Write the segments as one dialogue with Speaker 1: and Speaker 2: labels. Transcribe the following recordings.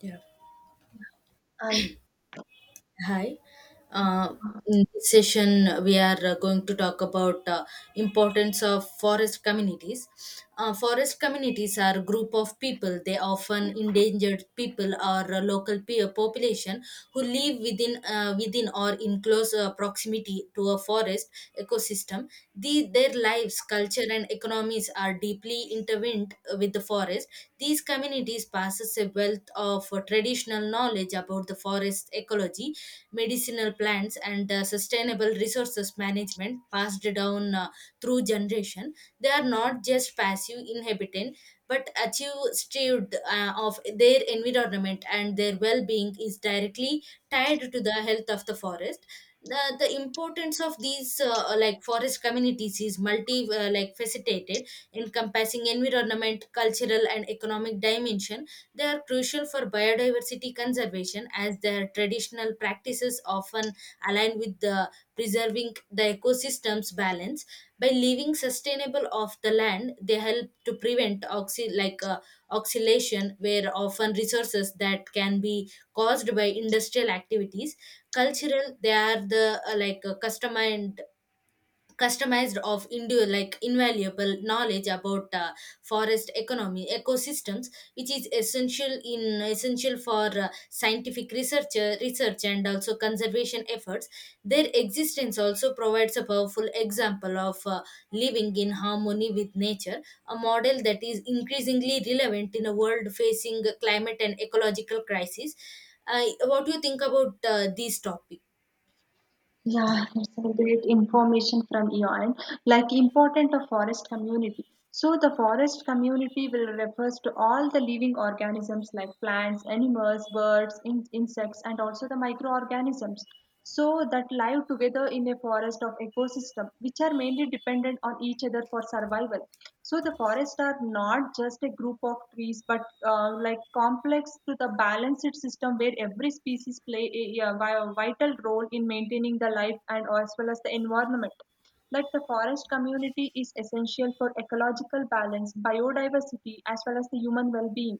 Speaker 1: Yeah.
Speaker 2: I
Speaker 1: Hi. Uh, in this session, we are going to talk about importance of forest communities. Forest communities are a group of people. They often endangered people or local peer population who live within within or in close proximity to a forest ecosystem. Their lives, culture, and economies are deeply intertwined with the forest. These communities possess a wealth of traditional knowledge about the forest ecology, medicinal plants and sustainable resources management passed down through generation. They are not just passive inhabitant but achieved of their environment, and their well-being is directly tied to the health of the forest. The importance of these like forest communities is multi like facilitated, encompassing environment, cultural and economic dimension. They are crucial for biodiversity conservation as their traditional practices often align with the preserving the ecosystem's balance. By living sustainable off the land, they help to prevent oxidation, where often resources that can be caused by industrial activities. Cultural, they are the custom and customized of like invaluable knowledge about forest economy ecosystems, which is essential in essential for scientific research research and also conservation efforts. Their existence also provides a powerful example of living in harmony with nature, a model that is increasingly relevant in a world facing climate and ecological crisis. What do you think about this topic?
Speaker 2: Yeah, it's a great information from your end. Like important of forest community. So the forest community will refers to all the living organisms like plants, animals, birds, insects, and also the microorganisms. So that live together in a forest of ecosystem, which are mainly dependent on each other for survival. So the forests are not just a group of trees, but like complex to the balanced system where every species play a vital role in maintaining the life and as well as the environment. Like the forest community is essential for ecological balance, biodiversity, as well as the human well-being.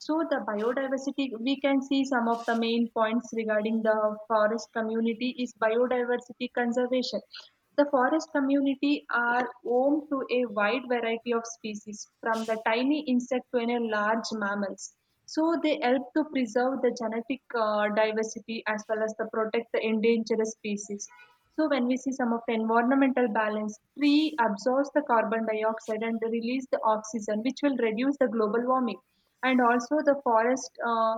Speaker 2: So the biodiversity, we can see some of the main points regarding the forest community is biodiversity conservation. The forest community are home to a wide variety of species, from the tiny insect to the large mammals. So they help to preserve the genetic diversity as well as to protect the endangered species. So when we see some of the environmental balance, tree absorbs the carbon dioxide and release the oxygen, which will reduce the global warming. And also the forest,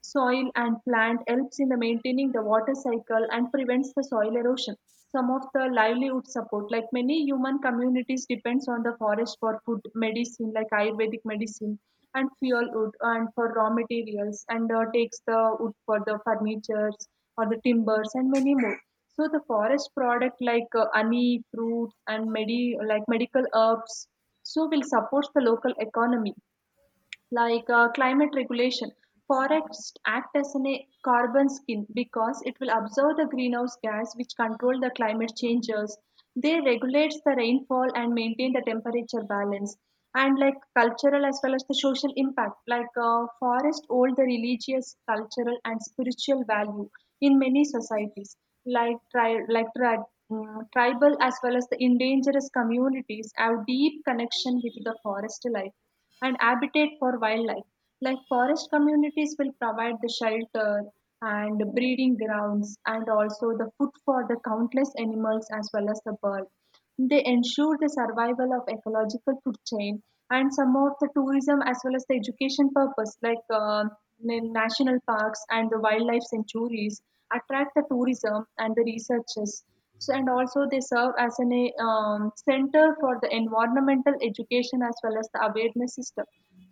Speaker 2: soil and plant helps in the maintaining the water cycle and prevents the soil erosion. Some of the livelihood support, like many human communities, depends on the forest for food, medicine, like Ayurvedic medicine, and fuel wood, and for raw materials, and takes the wood for the furnitures or the timbers and many more. So the forest product like honey, fruits, and like medical herbs, so will support the local economy like climate regulation. Forests act as a carbon skin because it will absorb the greenhouse gas which control the climate changes. They regulate the rainfall and maintain the temperature balance. And like cultural as well as the social impact, like forest hold the religious, cultural and spiritual value in many societies, like tribal as well as the indigenous communities have deep connection with the forest life and habitat for wildlife. Like forest communities will provide the shelter and breeding grounds and also the food for the countless animals as well as the bird. They ensure the survival of ecological food chain and some of the tourism as well as the education purpose like national parks and the wildlife sanctuaries attract the tourism and the researchers so, and also they serve as an center for the environmental education as well as the awareness system.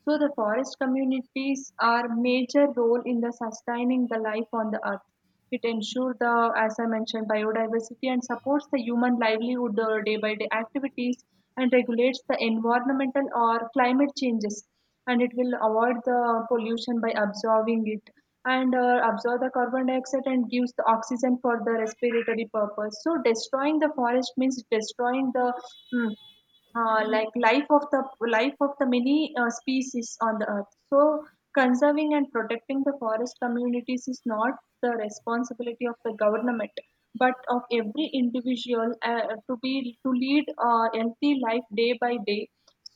Speaker 2: So the forest communities are major role in the sustaining the life on the earth. It ensures the, as I mentioned, biodiversity and supports the human livelihood day by day activities and regulates the environmental or climate changes and it will avoid the pollution by absorbing it and absorb the carbon dioxide and gives the oxygen for the respiratory purpose. So destroying the forest means destroying the mm, like life of the many species on the earth. So conserving and protecting the forest communities is not the responsibility of the government but of every individual to be to lead a healthy life day by day.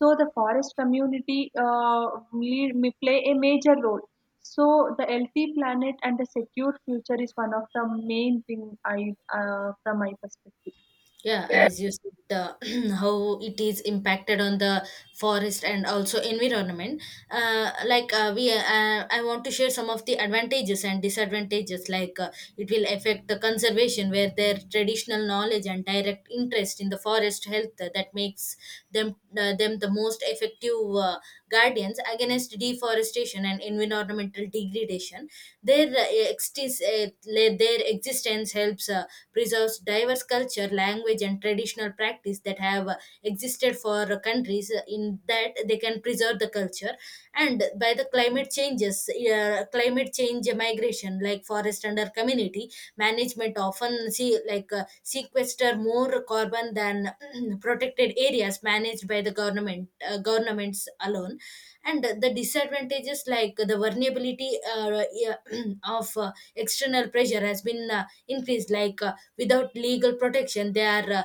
Speaker 2: So the forest community lead, may play a major role. So the healthy planet and the secure future is one of the main thing. I from my perspective.
Speaker 1: Yeah, as you said, how it is impacted on the forest and also environment. I want to share some of the advantages and disadvantages. It will affect the conservation, where their traditional knowledge and direct interest in the forest health that makes them the most effective guardians against deforestation and environmental degradation. Their their existence helps. Preserves diverse culture, language, and traditional practice that have existed for countries in that they can preserve the culture. And by the climate changes, climate change migration, like forest under community management, often see like sequester more carbon than protected areas managed by the government governments alone, and the disadvantages like the vulnerability yeah, of external pressure has been increased. Without legal protection, they are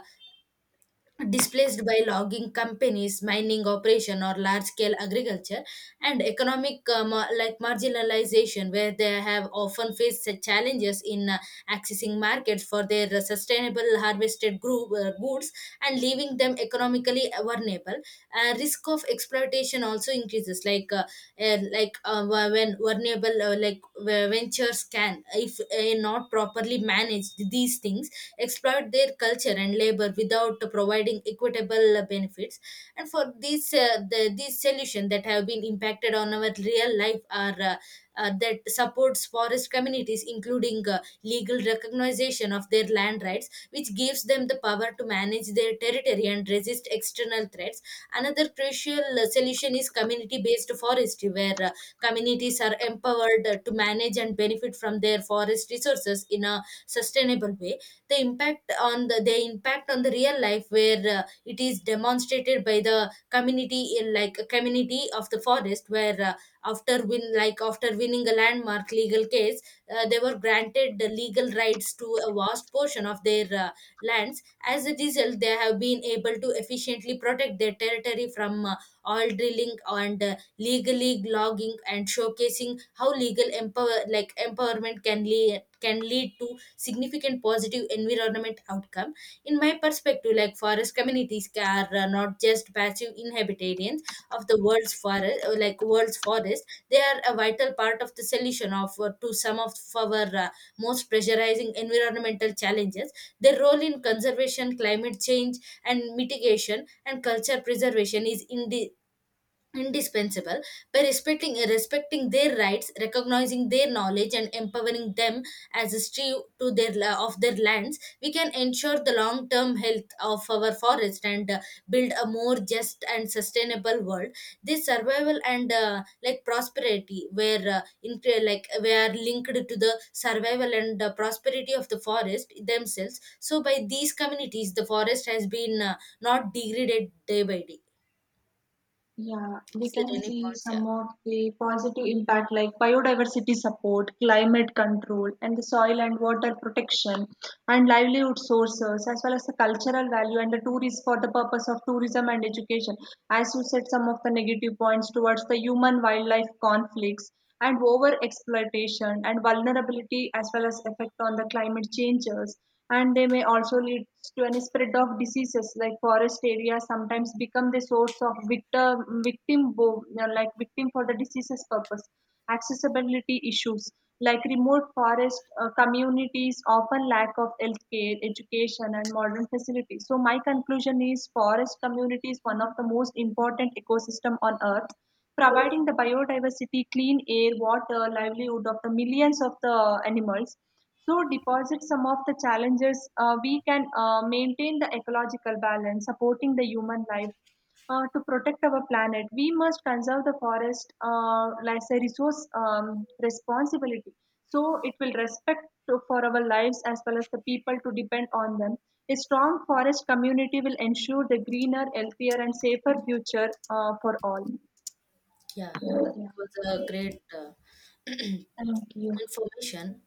Speaker 1: displaced by logging companies, mining operation, or large-scale agriculture, and economic like marginalization, where they have often faced such challenges in accessing markets for their sustainable harvested goods, and leaving them economically vulnerable. Risk of exploitation also increases, like and like when vulnerable ventures can, if not properly managed these things, exploit their culture and labor without providing equitable benefits. And for these these solutions that have been impacted on our real life are that supports forest communities, including legal recognition of their land rights, which gives them the power to manage their territory and resist external threats. Another crucial solution is community based forestry, where communities are empowered to manage and benefit from their forest resources in a sustainable way. The impact on the impact on the real life, where it is demonstrated by the community in like a community of the forest, where after winning a landmark legal case, they were granted the legal rights to a vast portion of their lands. As a result, they have been able to efficiently protect their territory from oil drilling and legally logging, and showcasing how legal empowerment can lead to significant positive environment outcome. In my perspective, like forest communities are not just passive inhabitants of the world's forest like world's forest. They are a vital part of the solution of to some of our most pressurizing environmental challenges. Their role in conservation, climate change, and mitigation and culture preservation is indispensable. By respecting their rights, recognizing their knowledge and empowering them as a steward to their of their lands, we can ensure the long term health of our forest and build a more just and sustainable world. This survival and like prosperity, where in like we are linked to the survival and prosperity of the forest themselves. So by these communities the forest has been not degraded day by day.
Speaker 2: Yeah, we
Speaker 1: Is there
Speaker 2: can
Speaker 1: any
Speaker 2: see
Speaker 1: points here?
Speaker 2: some of the positive impact like biodiversity support, climate control, and the soil and water protection, and livelihood sources, as well as the cultural value and the tourist for the purpose of tourism and education. As you said, some of the negative points towards the human wildlife conflicts and over exploitation and vulnerability, as well as effect on the climate changes, and they may also lead to any spread of diseases like forest areas sometimes become the source of victim. You know, like victim for the diseases purpose, accessibility issues like remote forest communities often lack of healthcare education and modern facilities. So my conclusion is forest community is one of the most important ecosystem on earth, providing the biodiversity clean air water livelihood of the millions of the animals. So deposit some of the challenges. We can maintain the ecological balance, supporting the human life. To protect our planet, we must conserve the forest as a resource responsibility. So it will respect to, for our lives as well as the people to depend on them. A strong forest community will ensure the greener, healthier, and safer future for all.
Speaker 1: Yeah,
Speaker 2: Yeah.
Speaker 1: it was a great
Speaker 2: Thank you.
Speaker 1: information.